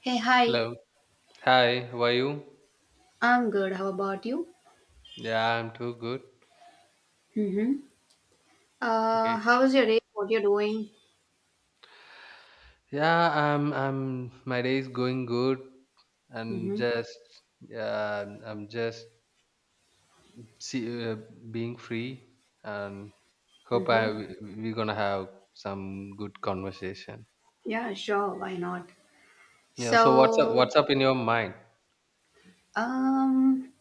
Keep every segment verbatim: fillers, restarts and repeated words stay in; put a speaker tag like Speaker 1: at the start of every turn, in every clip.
Speaker 1: Hey, hi.
Speaker 2: Hello. Hi, how are you?
Speaker 1: I'm good. How about you?
Speaker 2: Yeah, I'm too good.
Speaker 1: Mm-hmm.
Speaker 2: Okay.
Speaker 1: Uh, how was your day? What you're doing?
Speaker 2: Yeah, I'm I'm my day is going good. I'm
Speaker 1: Mm-hmm.
Speaker 2: just yeah, I'm I'm just see, uh, being free and hope
Speaker 1: Mm-hmm.
Speaker 2: I we- we're gonna have some good conversation.
Speaker 1: Yeah, sure. Why not?
Speaker 2: Yeah, so what's up
Speaker 1: So,
Speaker 2: what's up in your mind?
Speaker 1: um,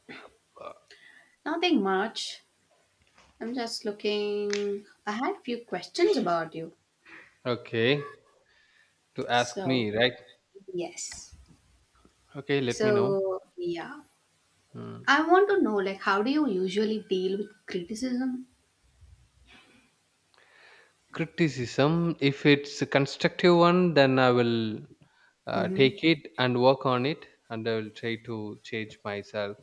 Speaker 1: Nothing much. I'm just looking. I had a few questions about you.
Speaker 2: Okay, to ask
Speaker 1: So,
Speaker 2: me, right?
Speaker 1: yes.
Speaker 2: Okay, let me know.
Speaker 1: So, yeah.
Speaker 2: Hmm.
Speaker 1: I want to know, like, how do you usually deal with criticism?
Speaker 2: Criticism, if it's a constructive one, then I will uh,
Speaker 1: Mm-hmm.
Speaker 2: take it and work on it, and I will try to change myself.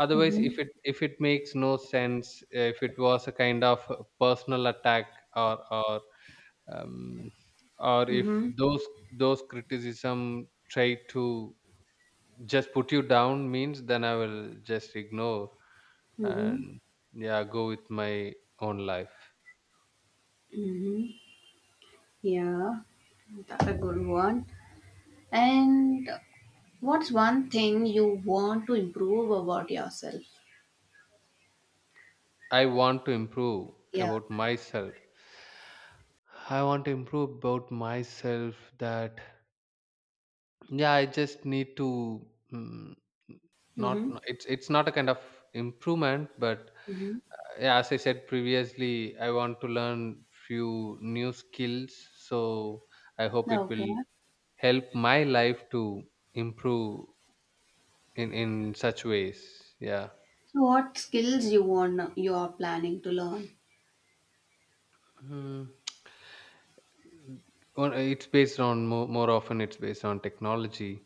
Speaker 2: Otherwise, if
Speaker 1: Mm-hmm.
Speaker 2: it if it makes no sense, uh, if it was a kind of a personal attack, or or um, or if
Speaker 1: Mm-hmm.
Speaker 2: those those criticism try to just put you down means, then I will just ignore
Speaker 1: Mm-hmm.
Speaker 2: and yeah, go with my own life.
Speaker 1: Mm-hmm. Yeah. That's a good one. And what's one thing you want to improve about yourself?
Speaker 2: I want to improve
Speaker 1: Yeah.
Speaker 2: about myself. I want to improve about myself that yeah, I just need to mm, not
Speaker 1: Mm-hmm.
Speaker 2: no, it's it's not a kind of improvement, but
Speaker 1: Mm-hmm.
Speaker 2: yeah, as I said previously, I want to learn few new skills. So I hope it will
Speaker 1: Okay.
Speaker 2: help my life to improve in in such ways. Yeah.
Speaker 1: So, what skills you want you are planning to learn?
Speaker 2: Hmm. Well, it's based on more, more often it's based on technology,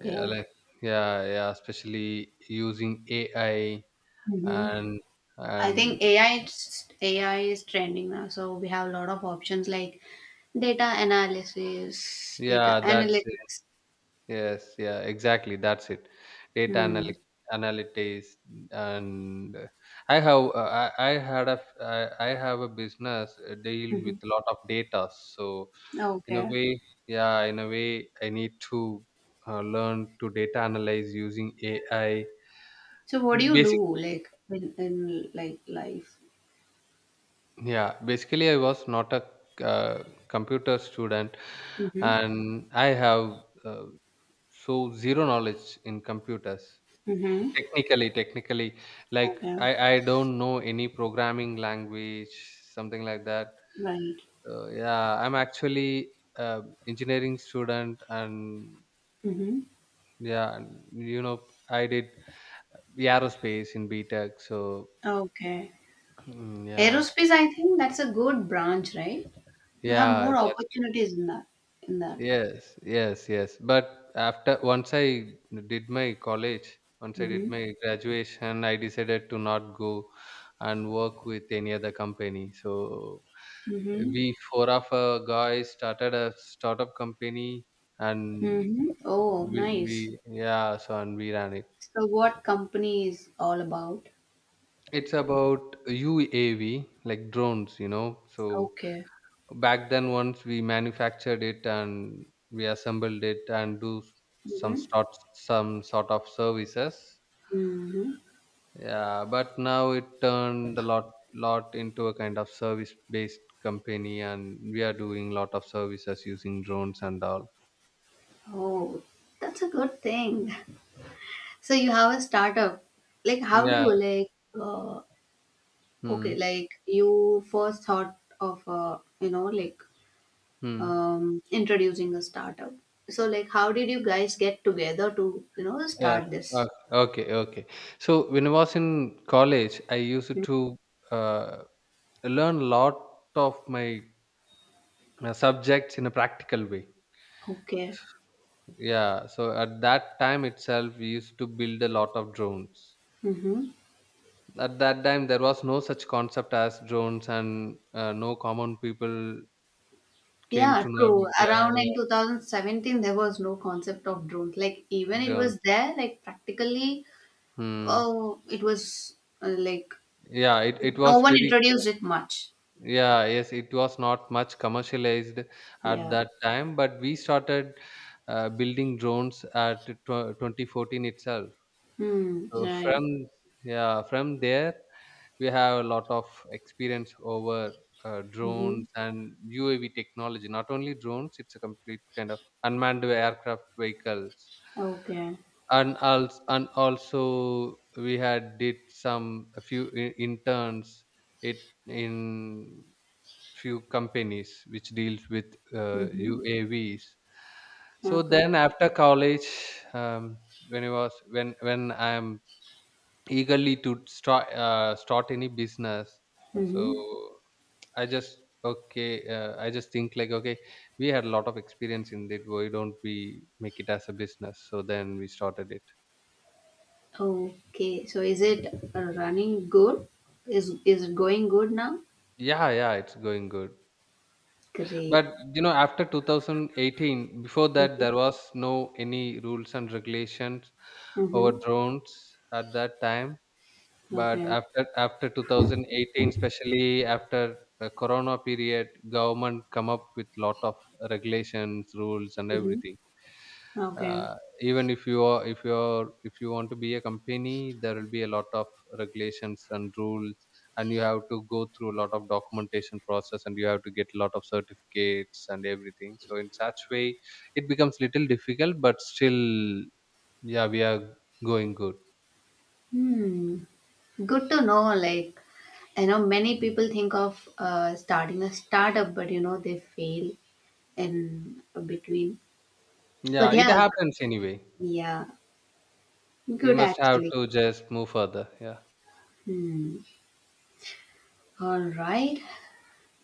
Speaker 2: yeah, like yeah yeah, especially using ai
Speaker 1: Mm-hmm.
Speaker 2: and
Speaker 1: I
Speaker 2: and
Speaker 1: think A I is- A I is trending now, so we have a lot of options like data analysis, data
Speaker 2: yeah, that's it.
Speaker 1: analytics.
Speaker 2: Yes, yeah, exactly that's it. data
Speaker 1: Hmm.
Speaker 2: analy- analytics and uh, i have uh, I, I had a f- I, I have a business, uh, deal
Speaker 1: Mm-hmm.
Speaker 2: with a lot of data, so in a
Speaker 1: Okay.
Speaker 2: way, yeah in a way I need to uh, learn to data analyze using ai.
Speaker 1: So, what do you
Speaker 2: Basic,
Speaker 1: do like in, in like life?
Speaker 2: yeah. Basically, I was not a uh, computer student,
Speaker 1: Mm-hmm.
Speaker 2: and I have uh, so zero knowledge in computers.
Speaker 1: Mm-hmm.
Speaker 2: Technically, technically, like
Speaker 1: Okay.
Speaker 2: I I don't know any programming language, something like that.
Speaker 1: Right.
Speaker 2: So yeah, I'm actually uh, engineering student, and
Speaker 1: Mm-hmm.
Speaker 2: yeah, and, you know, I did aerospace in B Tech. So
Speaker 1: Okay.
Speaker 2: mm, yeah,
Speaker 1: Aerospace, I think that's a good branch, right? You have
Speaker 2: yeah,
Speaker 1: more
Speaker 2: that's.
Speaker 1: opportunities in that. In that.
Speaker 2: Yes, yes, yes. But after once I did my college, once I did
Speaker 1: Mm-hmm.
Speaker 2: my graduation, I decided to not go and work with any other company. So
Speaker 1: Mm-hmm.
Speaker 2: we four of uh, guys started a startup company, and
Speaker 1: Mm-hmm. Oh,
Speaker 2: we,
Speaker 1: nice.
Speaker 2: we yeah. So and we ran it.
Speaker 1: So, what company is all about?
Speaker 2: It's about U A V, like drones, you know. So
Speaker 1: Okay.
Speaker 2: back then once we manufactured it and we assembled it and do some
Speaker 1: Mm-hmm.
Speaker 2: sort some sort of services,
Speaker 1: Mm-hmm.
Speaker 2: yeah, but now it turned a lot lot into a kind of service based company and we are doing lot of services using drones and all.
Speaker 1: Oh, that's a good thing. So you have a startup. Like, how do
Speaker 2: Yeah.
Speaker 1: you like? Uh,
Speaker 2: Hmm.
Speaker 1: okay, like you first thought of uh, you know, like,
Speaker 2: Hmm.
Speaker 1: um, introducing a startup. So, like, how did you guys get together to, you know,
Speaker 2: Yeah.
Speaker 1: start
Speaker 2: O-
Speaker 1: this?
Speaker 2: okay, okay, so when I was in college I used
Speaker 1: Mm.
Speaker 2: to uh, learn a lot of my uh, subjects in a practical way.
Speaker 1: Okay.
Speaker 2: Yeah, so at that time itself, we used to build a lot of drones.
Speaker 1: Mm-hmm.
Speaker 2: At that time, there was no such concept as drones, and uh, no common people came to
Speaker 1: Yeah,
Speaker 2: know
Speaker 1: true.
Speaker 2: about, yeah,
Speaker 1: Around in
Speaker 2: yeah,
Speaker 1: two thousand seventeen, there was no concept of drones. Like, even it
Speaker 2: drone.
Speaker 1: was there, like, practically,
Speaker 2: Hmm.
Speaker 1: oh, it was uh, like
Speaker 2: Yeah, it, it
Speaker 1: no
Speaker 2: was
Speaker 1: one
Speaker 2: very
Speaker 1: introduced it much.
Speaker 2: yeah, yes, it was not much commercialized at
Speaker 1: Yeah.
Speaker 2: that time, but we started uh, building drones at tw twenty fourteen itself.
Speaker 1: Hmm.
Speaker 2: So from
Speaker 1: Right.
Speaker 2: yeah, from there, we have a lot of experience over uh,
Speaker 1: Mm-hmm.
Speaker 2: drones and U A V technology. Not only drones, it's a complete kind of unmanned aircraft vehicles,
Speaker 1: Okay.
Speaker 2: and also and also we had did some a few i- interns it in few companies which deals with uh,
Speaker 1: Mm-hmm.
Speaker 2: U A Vs. So
Speaker 1: Okay.
Speaker 2: then after college, um, when I was when when I'm eagerly to start uh, start any business, so
Speaker 1: Mm-hmm.
Speaker 2: I just okay uh, I just think like, okay, we had a lot of experience in it, why don't we make it as a business? So then we started it.
Speaker 1: Okay, so is it uh, running good? Is is it going good now?
Speaker 2: Yeah, yeah, it's going good, but
Speaker 1: Great.
Speaker 2: you know after two thousand eighteen, before that
Speaker 1: Mm-hmm.
Speaker 2: there was no any rules and regulations over
Speaker 1: Mm-hmm.
Speaker 2: drones at that time. But
Speaker 1: Okay.
Speaker 2: after after two thousand eighteen, especially after the Corona period, government come up with lot of regulations, rules, and
Speaker 1: Mm-hmm.
Speaker 2: everything.
Speaker 1: Okay.
Speaker 2: Uh, Even if you are if you are if you want to be a company, there will be a lot of regulations and rules, and you have to go through a lot of documentation process, and you have to get a lot of certificates and everything. So in such way, it becomes little difficult, but still, yeah, we are going good.
Speaker 1: Hmm. Good to know. Like, I know many people think of uh, starting a startup, but you know they fail in between.
Speaker 2: Yeah,
Speaker 1: But
Speaker 2: it
Speaker 1: yeah,
Speaker 2: happens anyway.
Speaker 1: yeah,
Speaker 2: We
Speaker 1: good
Speaker 2: must have
Speaker 1: actually.
Speaker 2: to just move further. Yeah.
Speaker 1: Hmm. All right.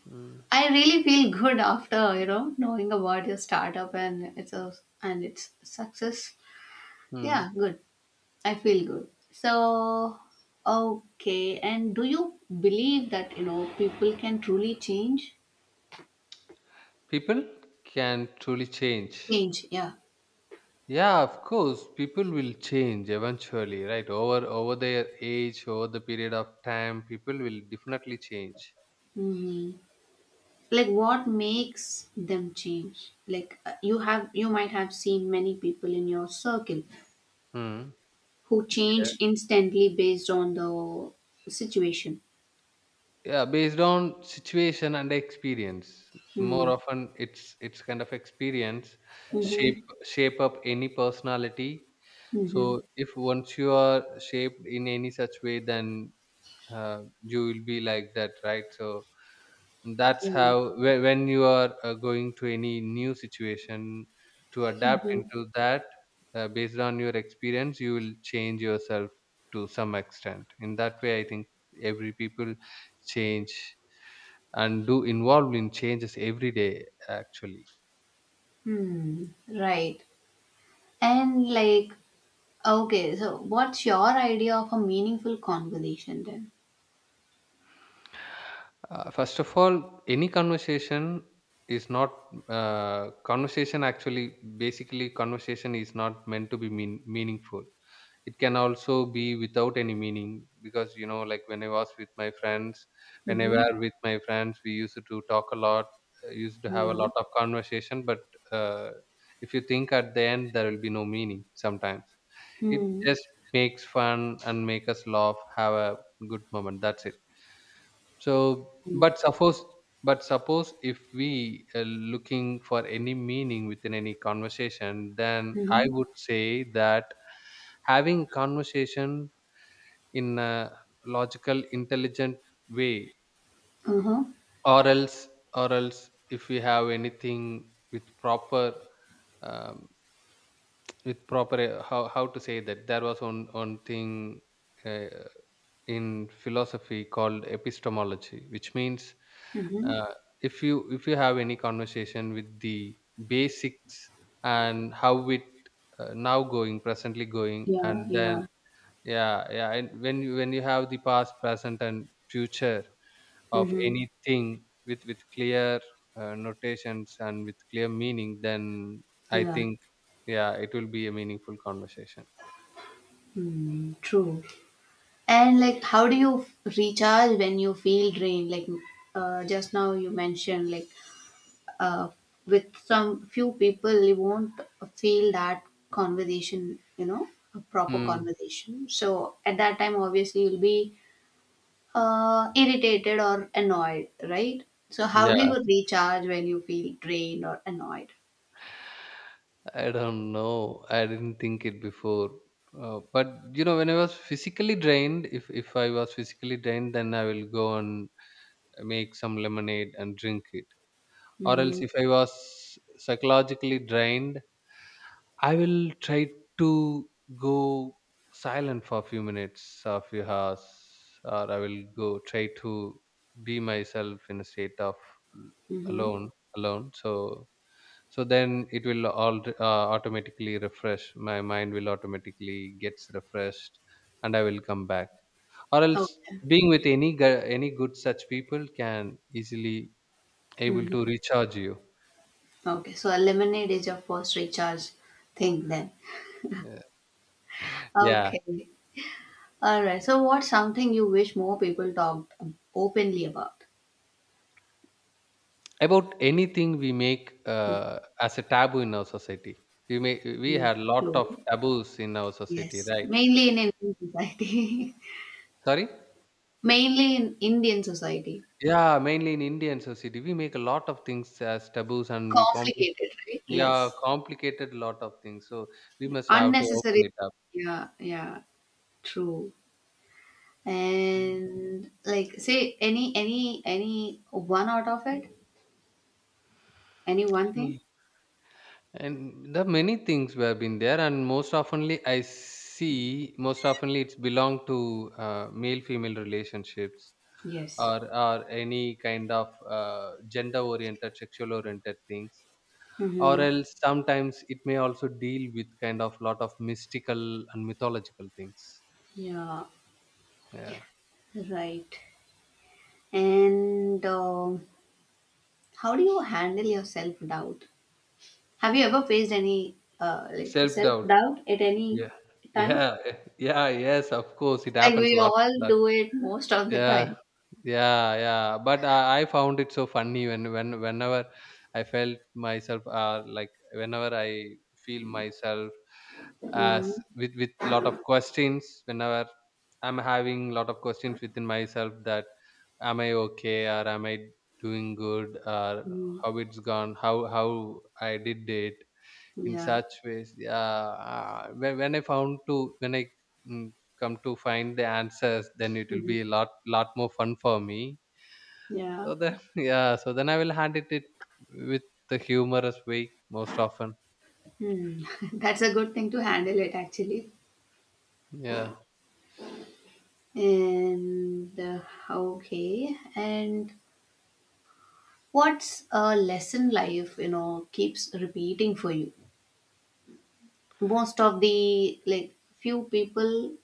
Speaker 2: Mm.
Speaker 1: I really feel good after, you know, knowing about your startup and it's a and its success.
Speaker 2: Hmm.
Speaker 1: Yeah, good. I feel good. So, okay. And do you believe that, you know, people can truly change?
Speaker 2: People can truly change.
Speaker 1: Change, yeah.
Speaker 2: Yeah, of course, people will change eventually, right? Over over their age, over the period of time, people will definitely change.
Speaker 1: Hmm. Like, what makes them change? Like, uh, you have, you might have seen many people in your circle
Speaker 2: Hmm.
Speaker 1: who
Speaker 2: Yeah.
Speaker 1: changed instantly based on the situation.
Speaker 2: Yeah, based on situation and experience. More
Speaker 1: Hmm.
Speaker 2: often, it's it's kind of experience shape
Speaker 1: Mm-hmm.
Speaker 2: shape up any personality.
Speaker 1: Mm-hmm.
Speaker 2: So if once you are shaped in any such way, then uh, you will be like that, right? So that's
Speaker 1: Mm-hmm.
Speaker 2: how whe- when you are uh, going to any new situation to adapt
Speaker 1: Mm-hmm.
Speaker 2: into that, uh, based on your experience you will change yourself to some extent. In that way I think every people change and do involved in changes every day actually.
Speaker 1: Hmm. Right. And like, Okay, so what's your idea of a meaningful conversation then?
Speaker 2: Uh, first of all, any conversation is not uh, conversation actually. Basically conversation is not meant to be mean, meaningful, it can also be without any meaning, because you know, like when I was with my friends, when I
Speaker 1: Mm-hmm.
Speaker 2: were with my friends we used to talk a lot, uh, used to have a
Speaker 1: Yeah.
Speaker 2: lot of conversation, but uh, if you think, at the end there will be no meaning sometimes. It
Speaker 1: Mm-hmm.
Speaker 2: just makes fun and make us laugh, have a good moment, that's it. So,
Speaker 1: Mm.
Speaker 2: but suppose, but suppose if we are looking for any meaning within any conversation, then I
Speaker 1: Mm-hmm.
Speaker 2: would say that having conversation in a logical, intelligent way,
Speaker 1: Uh-huh.
Speaker 2: or else, or else, if we have anything with proper, um, with proper, uh, how how to say that? There was one one thing. Uh, in philosophy, called epistemology, which means
Speaker 1: Mm-hmm.
Speaker 2: uh, if you if you have any conversation with the basics and how it uh, now going presently going
Speaker 1: Yeah,
Speaker 2: and then,
Speaker 1: yeah.
Speaker 2: yeah, yeah, and when you when you have the past, present and future of
Speaker 1: Mm-hmm.
Speaker 2: anything with with clear uh, notations and with clear meaning, then I
Speaker 1: Yeah.
Speaker 2: think, yeah, it will be a meaningful conversation.
Speaker 1: Mm, true. And like, how do you f- recharge when you feel drained? Like, uh, just now you mentioned, like, uh, with some few people you won't feel that conversation, you know, a proper
Speaker 2: Hmm.
Speaker 1: conversation. So at that time, obviously, you'll be uh, irritated or annoyed, right? So how do
Speaker 2: Yeah,
Speaker 1: you recharge when you feel drained or annoyed?
Speaker 2: I don't know. I didn't think it before. Uh, but you know, when I was physically drained, if if I was physically drained, then I will go and make some lemonade and drink it. Or
Speaker 1: Mm-hmm.
Speaker 2: else, if I was psychologically drained, I will try to go silent for a few minutes, or a few hours, or I will go try to be myself in a state of
Speaker 1: Mm-hmm.
Speaker 2: alone, alone. So so then it will all uh, automatically refresh, my mind will automatically gets refreshed and I will come back, or else
Speaker 1: Okay.
Speaker 2: being with any gu- any good such people can easily able
Speaker 1: Mm-hmm.
Speaker 2: to recharge you.
Speaker 1: Okay. So a lemonade is your first recharge thing then.
Speaker 2: Yeah. Yeah.
Speaker 1: Okay. All right. So what's something you wish more people talked openly about?
Speaker 2: About anything we make uh, as a taboo in our society, we may, we
Speaker 1: Mm.
Speaker 2: had lot
Speaker 1: True.
Speaker 2: of taboos in our society,
Speaker 1: Yes.
Speaker 2: right?
Speaker 1: Mainly in Indian society.
Speaker 2: Sorry.
Speaker 1: Mainly in Indian society.
Speaker 2: Yeah, mainly in indian society we make a lot of things as taboos and we complicate.
Speaker 1: Complicated, right?
Speaker 2: Yeah,
Speaker 1: Yes.
Speaker 2: complicated lot of things. So we must have to open
Speaker 1: Unnecessary.
Speaker 2: it up.
Speaker 1: Yeah. Yeah. True.
Speaker 2: Mm.
Speaker 1: And, like, say any any any one out of it, any one
Speaker 2: Mm.
Speaker 1: thing.
Speaker 2: And the many things were been there, and most oftenly I see, most oftenly it's belong to uh, male female relationships,
Speaker 1: Yes.
Speaker 2: or or any kind of uh, gender oriented, sexual oriented things. Or
Speaker 1: Mm-hmm.
Speaker 2: else sometimes it may also deal with kind of lot of mystical and mythological things.
Speaker 1: Yeah,
Speaker 2: Yeah,
Speaker 1: right. And uh, how do you handle your self-doubt? Have you ever faced any uh, like
Speaker 2: self doubt.
Speaker 1: self-doubt at any
Speaker 2: Yeah.
Speaker 1: time?
Speaker 2: Yeah, yeah, yes, of course, it
Speaker 1: Like,
Speaker 2: happens a
Speaker 1: we
Speaker 2: lot,
Speaker 1: all
Speaker 2: lot.
Speaker 1: do it most of the
Speaker 2: Yeah,
Speaker 1: time.
Speaker 2: yeah, yeah. But I, I found it so funny when, when, whenever I felt myself, uh, like whenever I feel myself as
Speaker 1: Mm-hmm.
Speaker 2: with with lot of questions, whenever I'm having lot of questions within myself, that am I okay, or am I doing good, or how it's gone, how how I did it, in
Speaker 1: Yeah.
Speaker 2: such ways, yeah, uh, when, when I found to when I mm, come to find the answers, then it will be
Speaker 1: Hmm.
Speaker 2: a lot, lot more fun for me. So
Speaker 1: Yeah.
Speaker 2: then yeah, so then I will hand it, it with the humorous way, most often.
Speaker 1: Hmm. That's a good thing to handle it actually.
Speaker 2: Yeah.
Speaker 1: And uh, okay, and what's a lesson life, you know, keeps repeating for you? Most of the like few people,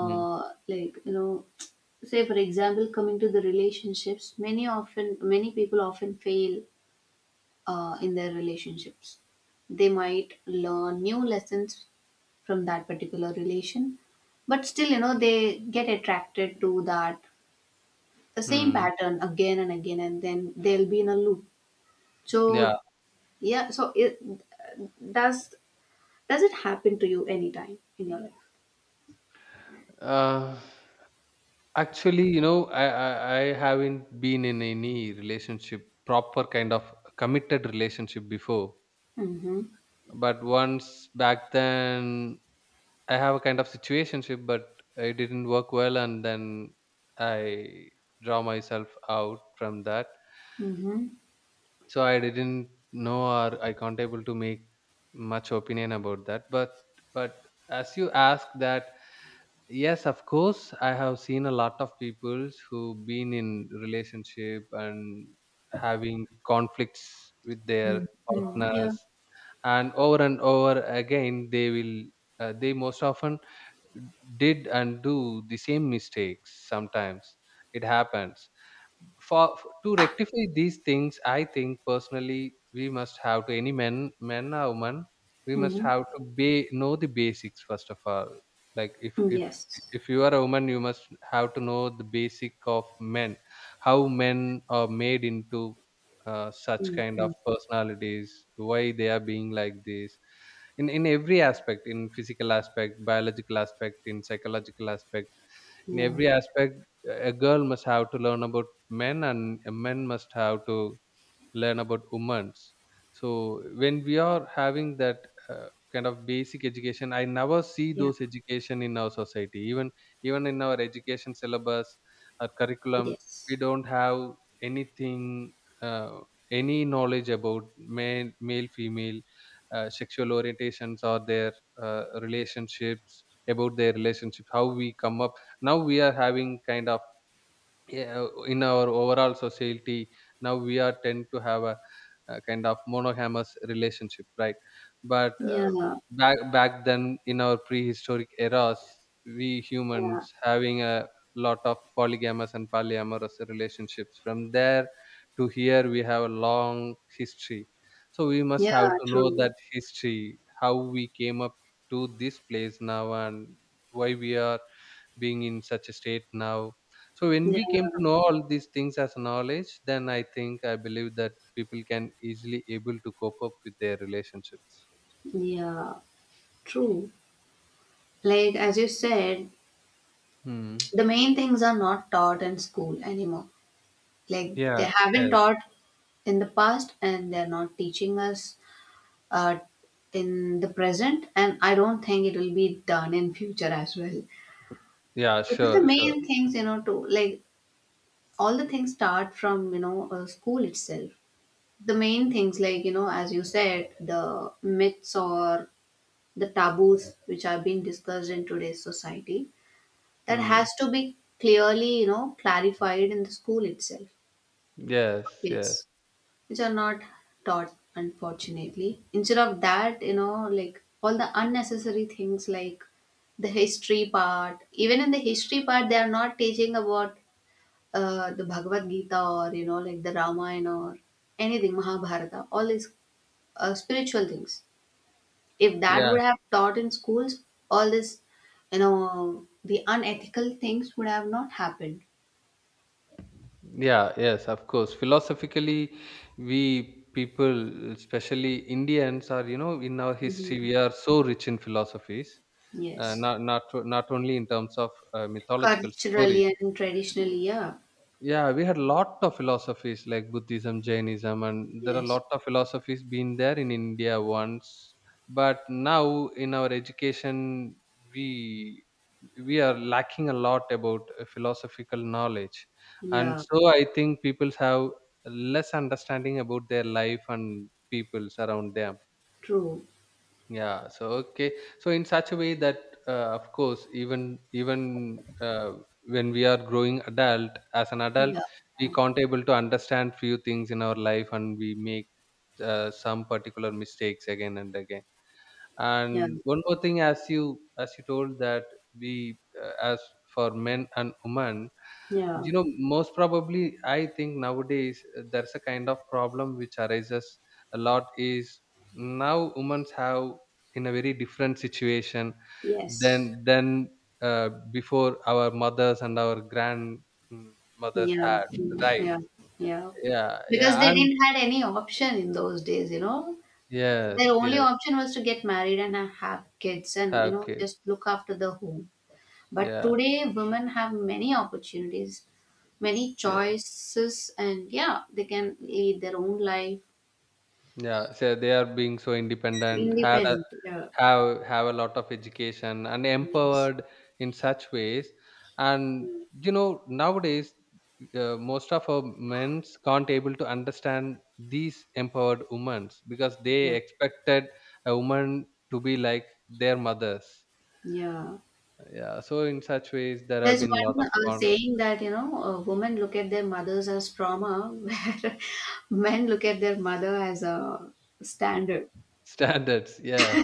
Speaker 2: Hmm.
Speaker 1: like, you know, say for example, coming to the relationships, many often many people often fail uh, in their relationships. They might learn new lessons from that particular relation, but still, you know, they get attracted to that the same
Speaker 2: Hmm.
Speaker 1: pattern again and again, and then they'll be in a loop.
Speaker 2: Yeah.
Speaker 1: So yeah, so it does does it happen to you anytime in your life?
Speaker 2: Uh, Actually, you know, I, I I haven't been in any relationship, proper kind of committed relationship before.
Speaker 1: Mm-hmm.
Speaker 2: But once back then, I have a kind of situationship, but it didn't work well, and then I draw myself out from that.
Speaker 1: Mm-hmm.
Speaker 2: So I didn't know, or I can't able to make much opinion about that. But but as you ask that, yes, of course, I have seen a lot of people who been in relationship and having conflicts with their partners,
Speaker 1: Yeah.
Speaker 2: and over and over again, they will uh, they most often did and do the same mistakes sometimes it happens for to rectify these things. I think personally we must have to, any men men or woman, we must
Speaker 1: Mm-hmm. Yeah.
Speaker 2: have to be know the basics first of all. Like if
Speaker 1: Mm-hmm.
Speaker 2: if
Speaker 1: Yes.
Speaker 2: if you are a woman you must have to know the basic of men, how men are made into uh, such kind of
Speaker 1: Mm-hmm.
Speaker 2: personalities, why they are being like this in in every aspect, in physical aspect, biological aspect, in psychological aspect, in
Speaker 1: Yeah.
Speaker 2: every aspect. A girl must have to learn about men, and men must have to learn about women's. So when we are having that uh, kind of basic education, I never see
Speaker 1: Yeah.
Speaker 2: those education in our society, even even in our education syllabus or curriculum. We
Speaker 1: Yes.
Speaker 2: don't have anything, uh, any knowledge about male male female uh, sexual orientations, or their uh, relationships, about their relationships, how we come up. Now we are having kind of, yeah, in our overall society now we are tend to have a, a kind of monogamous relationship, right? But uh,
Speaker 1: yeah
Speaker 2: back back then in our prehistoric eras, we
Speaker 1: yeah.
Speaker 2: humans having a lot of polygamous and polyamorous relationships. From there to here, we have a long history, so we must have
Speaker 1: Yeah.
Speaker 2: to know
Speaker 1: True.
Speaker 2: that history, how we came up to this place now, and why we are being in such a state now. So when
Speaker 1: Yeah.
Speaker 2: we came to know all these things as knowledge, then i think i believe that people can easily able to cope up with their relationships.
Speaker 1: Yeah. True. Like, as you said,
Speaker 2: Hmm.
Speaker 1: the main things are not taught in school anymore. Like,
Speaker 2: Yeah,
Speaker 1: they
Speaker 2: yes.
Speaker 1: haven't taught in the past, and they're not teaching us uh, in the present, and I don't think it will be done in future as well,
Speaker 2: Yeah,
Speaker 1: because the
Speaker 2: sure, sure.
Speaker 1: main things, you know, to like, all the things start from, you know, uh, school itself. The main things, like, you know, as you said, the myths or the taboos which are being discussed in today's society, that
Speaker 2: Hmm.
Speaker 1: has to be clearly, you know, clarified in the school itself for
Speaker 2: Yes, yes.
Speaker 1: kids, which are not taught, unfortunately. Instead of that, you know, like, all the unnecessary things, like the history part even in the history part, they are not teaching about uh, the bhagavad gita or, you know, like the ramayana or anything, mahabharata, all these uh, spiritual things. If that
Speaker 2: Yeah,
Speaker 1: would have taught in schools, all this, you know, the unethical things would have not happened.
Speaker 2: yeah. Yes, of course, philosophically we people, especially indians, are, you know in our history
Speaker 1: Hmm.
Speaker 2: we are so rich in philosophies. uh,
Speaker 1: Yes.
Speaker 2: not not not only in terms of uh, mythological stories.
Speaker 1: Culturally and traditionally, yeah.
Speaker 2: Yeah, we had lot of philosophies like Buddhism, Jainism, and there are
Speaker 1: Yes.
Speaker 2: lot of philosophies been there in India once. But now in our education, we we are lacking a lot about uh, philosophical knowledge, and
Speaker 1: Yeah.
Speaker 2: so I think people have less understanding about their life and peoples around them.
Speaker 1: True.
Speaker 2: Yeah. So okay. So in such a way that, uh, of course, even even uh, when we are growing adult, as an adult,
Speaker 1: Yeah.
Speaker 2: we can't able to understand few things in our life, and we make uh, some particular mistakes again and again.
Speaker 1: Yeah.
Speaker 2: And one more thing, as you as you told that, we, uh, as for men and women,
Speaker 1: Yeah.
Speaker 2: you know most probably I think nowadays uh, there's a kind of problem which arises a lot is now women have, in a very different situation
Speaker 1: Yes.
Speaker 2: than than uh, before, our mothers and our grandmothers
Speaker 1: Yeah.
Speaker 2: had,
Speaker 1: Mm,
Speaker 2: right?
Speaker 1: yeah. Yeah.
Speaker 2: Yeah,
Speaker 1: Because
Speaker 2: yeah,
Speaker 1: they
Speaker 2: and
Speaker 1: didn't had any option in those days, you know. Their
Speaker 2: yes,
Speaker 1: only
Speaker 2: yes,
Speaker 1: option was to get married and have kids and, you
Speaker 2: have
Speaker 1: know,
Speaker 2: kids,
Speaker 1: just look after the home. But
Speaker 2: yeah,
Speaker 1: today, women have many opportunities, many
Speaker 2: yeah,
Speaker 1: choices, and yeah, they can lead their own life.
Speaker 2: yeah. So they are being so independent, had a
Speaker 1: Independent. Yeah.
Speaker 2: have have a lot of education and
Speaker 1: Yes.
Speaker 2: empowered in such ways. And you know nowadays uh, most of our men's can't able to understand these empowered women because they
Speaker 1: Yeah.
Speaker 2: expected a woman to be like their mothers.
Speaker 1: Yeah.
Speaker 2: Yeah, so in such ways there have
Speaker 1: There's
Speaker 2: been a lot of
Speaker 1: one uh,
Speaker 2: con-
Speaker 1: saying that, you know, uh, women look at their mothers as trauma, where men look at their mother as a
Speaker 2: eh,
Speaker 1: standard.
Speaker 2: standards, yeah,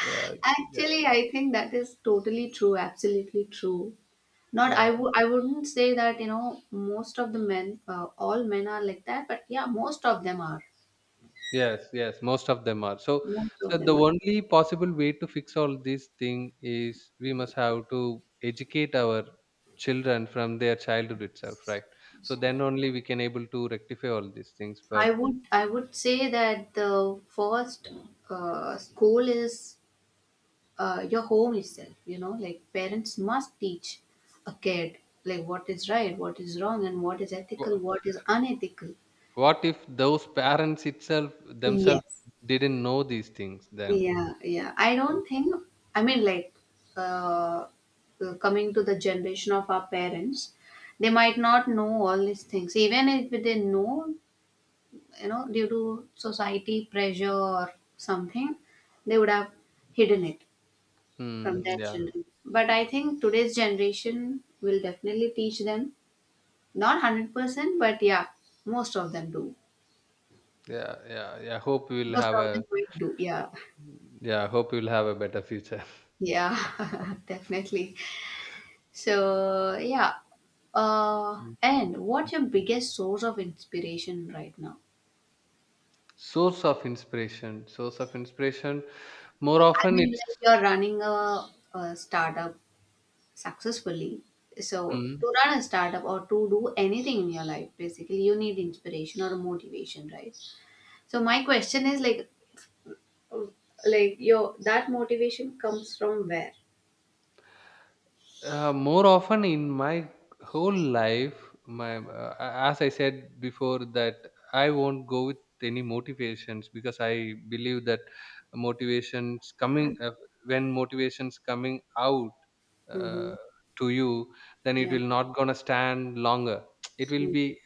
Speaker 2: yeah, yeah,
Speaker 1: Actually, I think that is totally true, absolutely true. Not,
Speaker 2: yeah.
Speaker 1: I w- I wouldn't say that, you know, most of the men, uh, all men are like that, but yeah, most of them are.
Speaker 2: Yes, yes, most of them are. So,
Speaker 1: Most of
Speaker 2: so the
Speaker 1: them are.
Speaker 2: only possible way to fix all this thing is we must have to educate our children from their childhood itself, right? So then only we can able to rectify all these things. But
Speaker 1: I would, I would say that the first uh, school is uh, your home itself, you know, like, parents must teach a kid, like, what is right, what is wrong, and what is ethical,
Speaker 2: wh-
Speaker 1: what is unethical.
Speaker 2: what if those parents itself themselves
Speaker 1: Yes.
Speaker 2: didn't know these things then?
Speaker 1: Yeah. Yeah, I
Speaker 2: Uh,
Speaker 1: don't think. I mean, like, uh, uh, coming to the generation of our parents, they might not know all these things. Even if they know, you know, due to society pressure or something, they would have hidden it from
Speaker 2: Hmm,
Speaker 1: their
Speaker 2: yeah,
Speaker 1: children. But I think today's generation will definitely teach them, not one hundred percent, but yeah, most of them do.
Speaker 2: yeah, yeah, yeah. Hope we'll
Speaker 1: Most
Speaker 2: have
Speaker 1: of
Speaker 2: a
Speaker 1: them will do, yeah.
Speaker 2: Yeah. Hope we'll have a better future.
Speaker 1: Yeah, definitely. So, yeah. Uh,
Speaker 2: Mm.
Speaker 1: and what's your biggest source of inspiration right now?
Speaker 2: Source of inspiration, source of inspiration. More
Speaker 1: I
Speaker 2: often,
Speaker 1: mean,
Speaker 2: it's
Speaker 1: like, you're running a, a startup successfully. So,
Speaker 2: mm,
Speaker 1: to run a startup or to do anything in your life, basically, you need inspiration or motivation, right? So, my question is like, oh, like, your that motivation comes from where?
Speaker 2: uh, More often in my whole life. My uh, As I said before, that I won't go with any motivations because I believe that motivations coming uh, when motivations coming out uh,
Speaker 1: Mm-hmm.
Speaker 2: to you, then it
Speaker 1: Yeah.
Speaker 2: will not gonna stand longer. It will
Speaker 1: Mm.
Speaker 2: be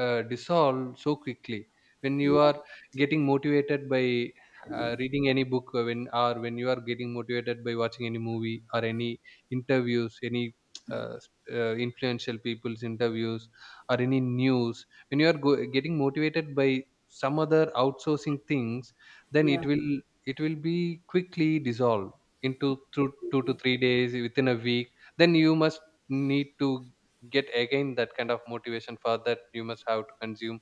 Speaker 2: uh, dissolved so quickly. When you
Speaker 1: Yeah.
Speaker 2: are getting motivated by uh, reading any book, or when or when you are getting motivated by watching any movie or any interviews, any uh, s- uh, influential people's interviews, or any news, when you are go- getting motivated by some other outsourcing things, then it
Speaker 1: Yeah.
Speaker 2: will it will be quickly dissolved into two, two to three days, within a week. Then you must need to get again that kind of motivation, for that you must have to consume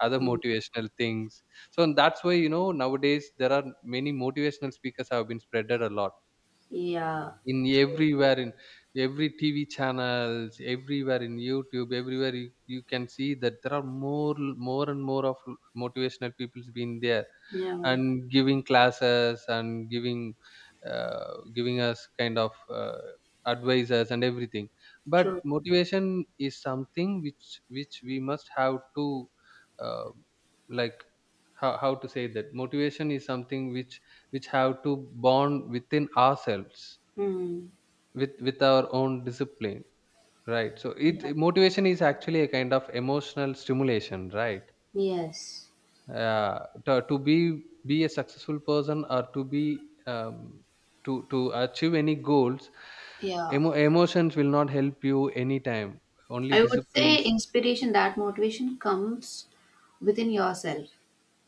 Speaker 2: other
Speaker 1: Mm.
Speaker 2: motivational things. So that's why you know nowadays there are many motivational speakers have been spreaded a lot
Speaker 1: Yeah.
Speaker 2: in
Speaker 1: True.
Speaker 2: everywhere, in every T V channels, everywhere in YouTube. Everywhere you, you can see that there are more, more and more of motivational people's been there,
Speaker 1: Yeah.
Speaker 2: and giving classes and giving, uh, giving us kind of uh, advices and everything. But
Speaker 1: True.
Speaker 2: motivation is something which which we must have to, uh, like, how, how to say that, motivation is something which which have to bond within ourselves,
Speaker 1: Mm.
Speaker 2: with with our own discipline, right? So it
Speaker 1: Yeah.
Speaker 2: motivation is actually a kind of emotional stimulation, right?
Speaker 1: Yes.
Speaker 2: Uh, to, to be be a successful person, or to be um, to to achieve any goals,
Speaker 1: Yeah.
Speaker 2: emo- emotions will not help you anytime, only
Speaker 1: I would say
Speaker 2: disciplines.
Speaker 1: inspiration, that motivation comes within yourself.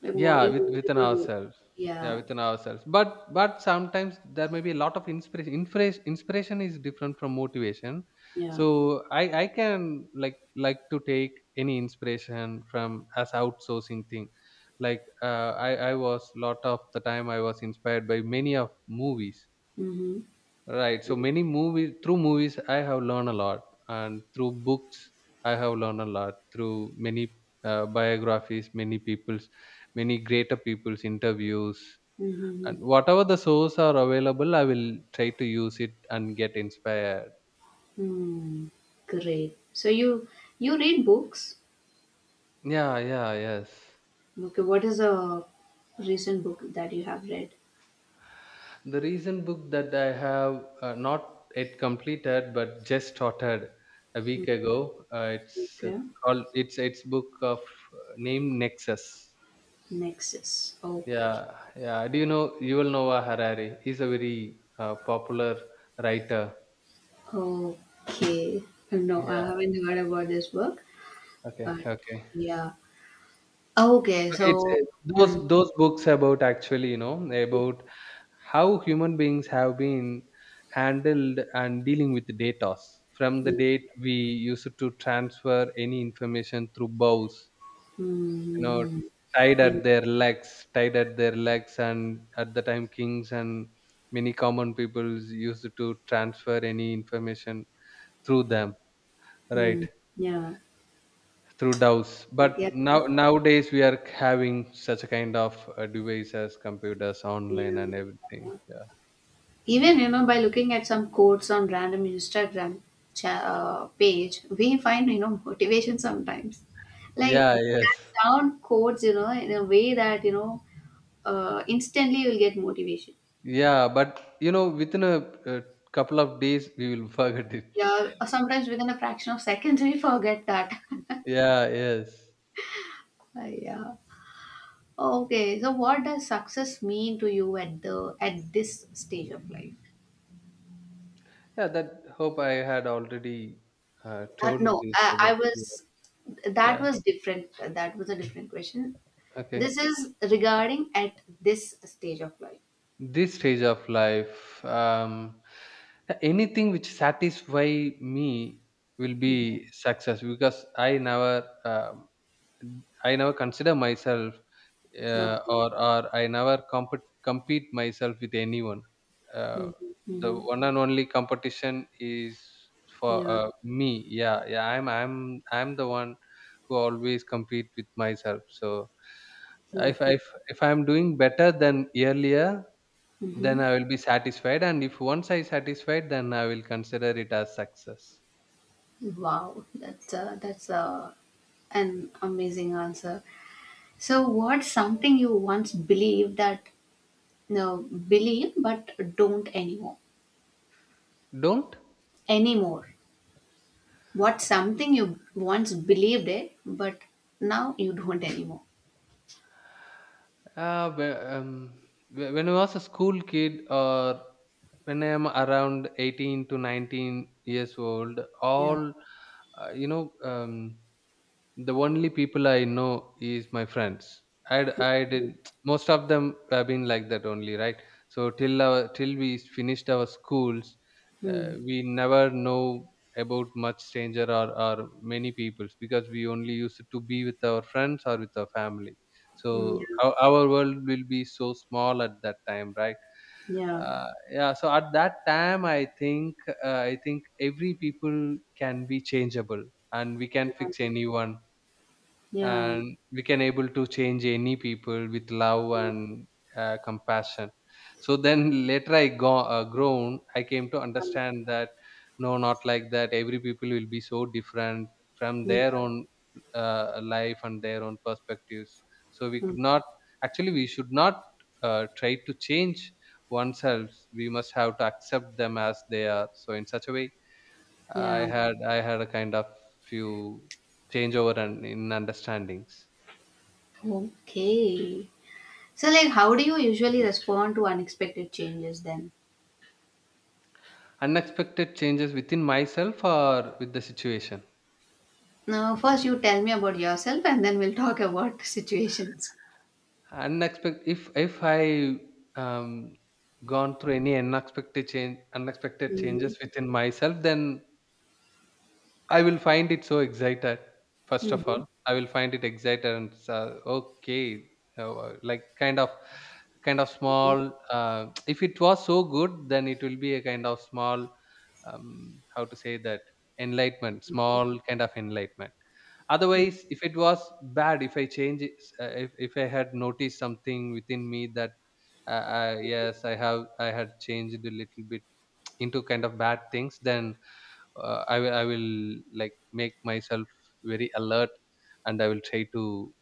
Speaker 1: Like, what
Speaker 2: Yeah,
Speaker 1: in
Speaker 2: with within
Speaker 1: whatever way.
Speaker 2: ourselves. Yeah,
Speaker 1: Yeah.
Speaker 2: within ourselves. But but sometimes there may be a lot of inspiration. Inspiration inspiration is different from motivation.
Speaker 1: Yeah.
Speaker 2: So I I can, like like to take any inspiration from as outsourcing thing. Like uh, I I was, lot of the time I was inspired by many of movies,
Speaker 1: Mm-hmm.
Speaker 2: right. So many movies through movies I have learned a lot, and through books I have learned a lot. Through many uh, biographies, many people's, many greater people's interviews,
Speaker 1: Mm-hmm.
Speaker 2: and whatever the source are available, I will try to use it and get inspired.
Speaker 1: Mm. Great. So you you read books?
Speaker 2: Yeah. Yeah. Yes.
Speaker 1: Okay, what is a recent book that you have read?
Speaker 2: The recent book that I have uh, not yet completed but just started a week ago. Uh, it's uh,
Speaker 1: Okay,
Speaker 2: called. It's it's book of uh, name Nexus.
Speaker 1: Nexus. Oh,
Speaker 2: Yeah, yeah. Do you know Yuval Noah Harari? He's a very uh, popular writer.
Speaker 1: okay. No, I
Speaker 2: Yeah.
Speaker 1: haven't heard about this book,
Speaker 2: Okay.
Speaker 1: but
Speaker 2: Okay.
Speaker 1: yeah. Okay,
Speaker 2: Okay. It's
Speaker 1: so.
Speaker 2: uh,
Speaker 1: Hmm.
Speaker 2: those those books about, actually, you know, about how human beings have been handled and dealing with data, from the
Speaker 1: Hmm.
Speaker 2: date we used to transfer any information through bows, you know,
Speaker 1: Hmm.
Speaker 2: tied
Speaker 1: Hmm.
Speaker 2: at their legs, tied at their legs, and at the time kings and many common peoples used to transfer any information through them, right,
Speaker 1: Hmm. Yeah.
Speaker 2: through D A Os.
Speaker 1: Hmm.
Speaker 2: But
Speaker 1: Yeah. Yeah.
Speaker 2: now nowadays we are having such a kind of uh, devices, computers, online,
Speaker 1: Yeah.
Speaker 2: and everything. Yeah.
Speaker 1: Even, you know, by looking at some quotes on random Instagram cha- uh, page, we find, you know, motivation sometimes. Like
Speaker 2: Yeah.
Speaker 1: that
Speaker 2: Yes.
Speaker 1: sound quotes, you know, in a way that, you know, uh, instantly you'll get motivation.
Speaker 2: Yeah. But you know, within a, uh couple of days, we will forget it.
Speaker 1: Yeah, sometimes within a fraction of seconds we forget that.
Speaker 2: Yeah. Yes.
Speaker 1: Uh, yeah. Okay. So what does success mean to you at the at this stage of life?
Speaker 2: Yeah. That Hope I had already uh,
Speaker 1: Uh,
Speaker 2: told
Speaker 1: no,
Speaker 2: this
Speaker 1: I, I
Speaker 2: about. Yeah.
Speaker 1: was that
Speaker 2: Yeah.
Speaker 1: was different. That was a different question.
Speaker 2: Okay.
Speaker 1: This is regarding at this stage of life.
Speaker 2: This stage of life, um, anything which satisfy me will be
Speaker 1: Mhm.
Speaker 2: success, because i never um, i never consider myself, uh,
Speaker 1: Okay.
Speaker 2: or or I never compete compete myself with anyone. uh,
Speaker 1: Mhm.
Speaker 2: the
Speaker 1: Mhm.
Speaker 2: one and only competition is for
Speaker 1: Yeah.
Speaker 2: uh, me, yeah, yeah. I'm i'm i'm the one who always compete with myself. So if
Speaker 1: Okay.
Speaker 2: if if I'm doing better than earlier,
Speaker 1: Hmm.
Speaker 2: then I will be satisfied, and if once I satisfied, then I will consider it as success.
Speaker 1: Wow, that's uh, that's uh, an amazing answer. So, what's something you once believed that no believe but don't anymore?
Speaker 2: Don't.
Speaker 1: Anymore. What's something you once believed it but now you don't anymore?
Speaker 2: Uh, wh- um, wh- when I was a school kid, or when I am around eighteen to nineteen years old,
Speaker 1: Yeah.
Speaker 2: all uh, you know. Um, The only people I know is my friends. I I did, most of them have been like that only, right? So till our till we finished our schools, uh,
Speaker 1: Hmm.
Speaker 2: we never know about much stranger, or or many peoples, because we only used to be with our friends or with our family.
Speaker 1: Hmm.
Speaker 2: So our, our world will be so small at that time, right?
Speaker 1: Yeah.
Speaker 2: Uh, yeah, so at that time i think uh, i think every people can be changeable, and we can fix
Speaker 1: Yeah.
Speaker 2: anyone,
Speaker 1: Yeah.
Speaker 2: and we can able to change any people with love and uh, compassion. So then later I go, uh, grown, I came to
Speaker 1: Yeah.
Speaker 2: understand that no, not like that. Every people will be so different from their own uh, life and their own perspectives. So we
Speaker 1: Yeah.
Speaker 2: could not actually we should not uh, try to change oneself. We must have to accept them as they are. So in such a way, I
Speaker 1: Yeah.
Speaker 2: had I had a kind of few changeover and in understandings.
Speaker 1: Okay. So, like, how do you usually respond to unexpected changes then?
Speaker 2: Unexpected changes within myself or with the situation.
Speaker 1: Now, first you tell me about yourself, and then we'll talk about situations.
Speaker 2: Unexpected, if if I um gone through any unexpected change unexpected
Speaker 1: Mm-hmm.
Speaker 2: changes within myself, then I will find it so excited. First of
Speaker 1: Mm-hmm.
Speaker 2: all, I will find it excited and, uh, okay, uh, like, kind of, kind of small. Uh, if it was so good, then it will be a kind of small. Um, how to say that, enlightenment, small kind of enlightenment. Otherwise, if it was bad, if I change it, uh, if if I had noticed something within me that, uh, uh, yes, I have, I had changed a little bit into kind of bad things, then uh, I, will- I will, like, make myself very alert, and I will try to,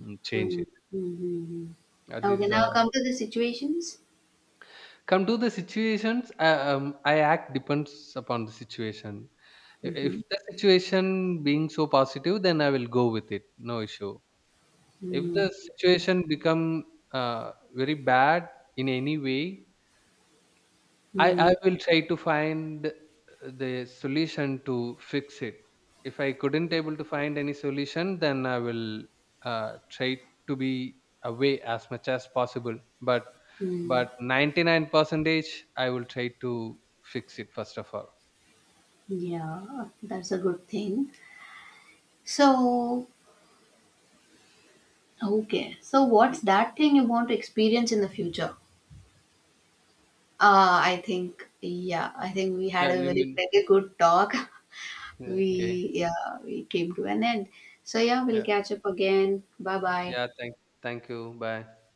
Speaker 2: mm, change
Speaker 1: Mm-hmm.
Speaker 2: it.
Speaker 1: Mm-hmm.
Speaker 2: Uh,
Speaker 1: Okay,
Speaker 2: this
Speaker 1: now
Speaker 2: uh,
Speaker 1: come to the situations.
Speaker 2: Come to the situations, uh, um, I act depends upon the situation. I- if
Speaker 1: Mm-hmm.
Speaker 2: the situation being so positive, then I will go with it, no issue. If the situation become uh, very bad in any way, I I
Speaker 1: Mm-hmm.
Speaker 2: will try to find the solution to fix it. If I couldn't able to find any solution, then I will uh, try to be away as much as possible. But but
Speaker 1: Mm-hmm.
Speaker 2: ninety nine percentage, I will try to fix it first of all.
Speaker 1: Yeah, that's a good thing. So, okay. So, what's that thing you want to experience in the future? Uh, I think, yeah, I think we had
Speaker 2: Yeah,
Speaker 1: a
Speaker 2: you
Speaker 1: very,
Speaker 2: mean,
Speaker 1: very good talk.
Speaker 2: yeah, okay?
Speaker 1: We, yeah, we came to an end, so yeah, we'll
Speaker 2: Yeah,
Speaker 1: catch up again. Bye bye.
Speaker 2: yeah. Thank thank you. Bye.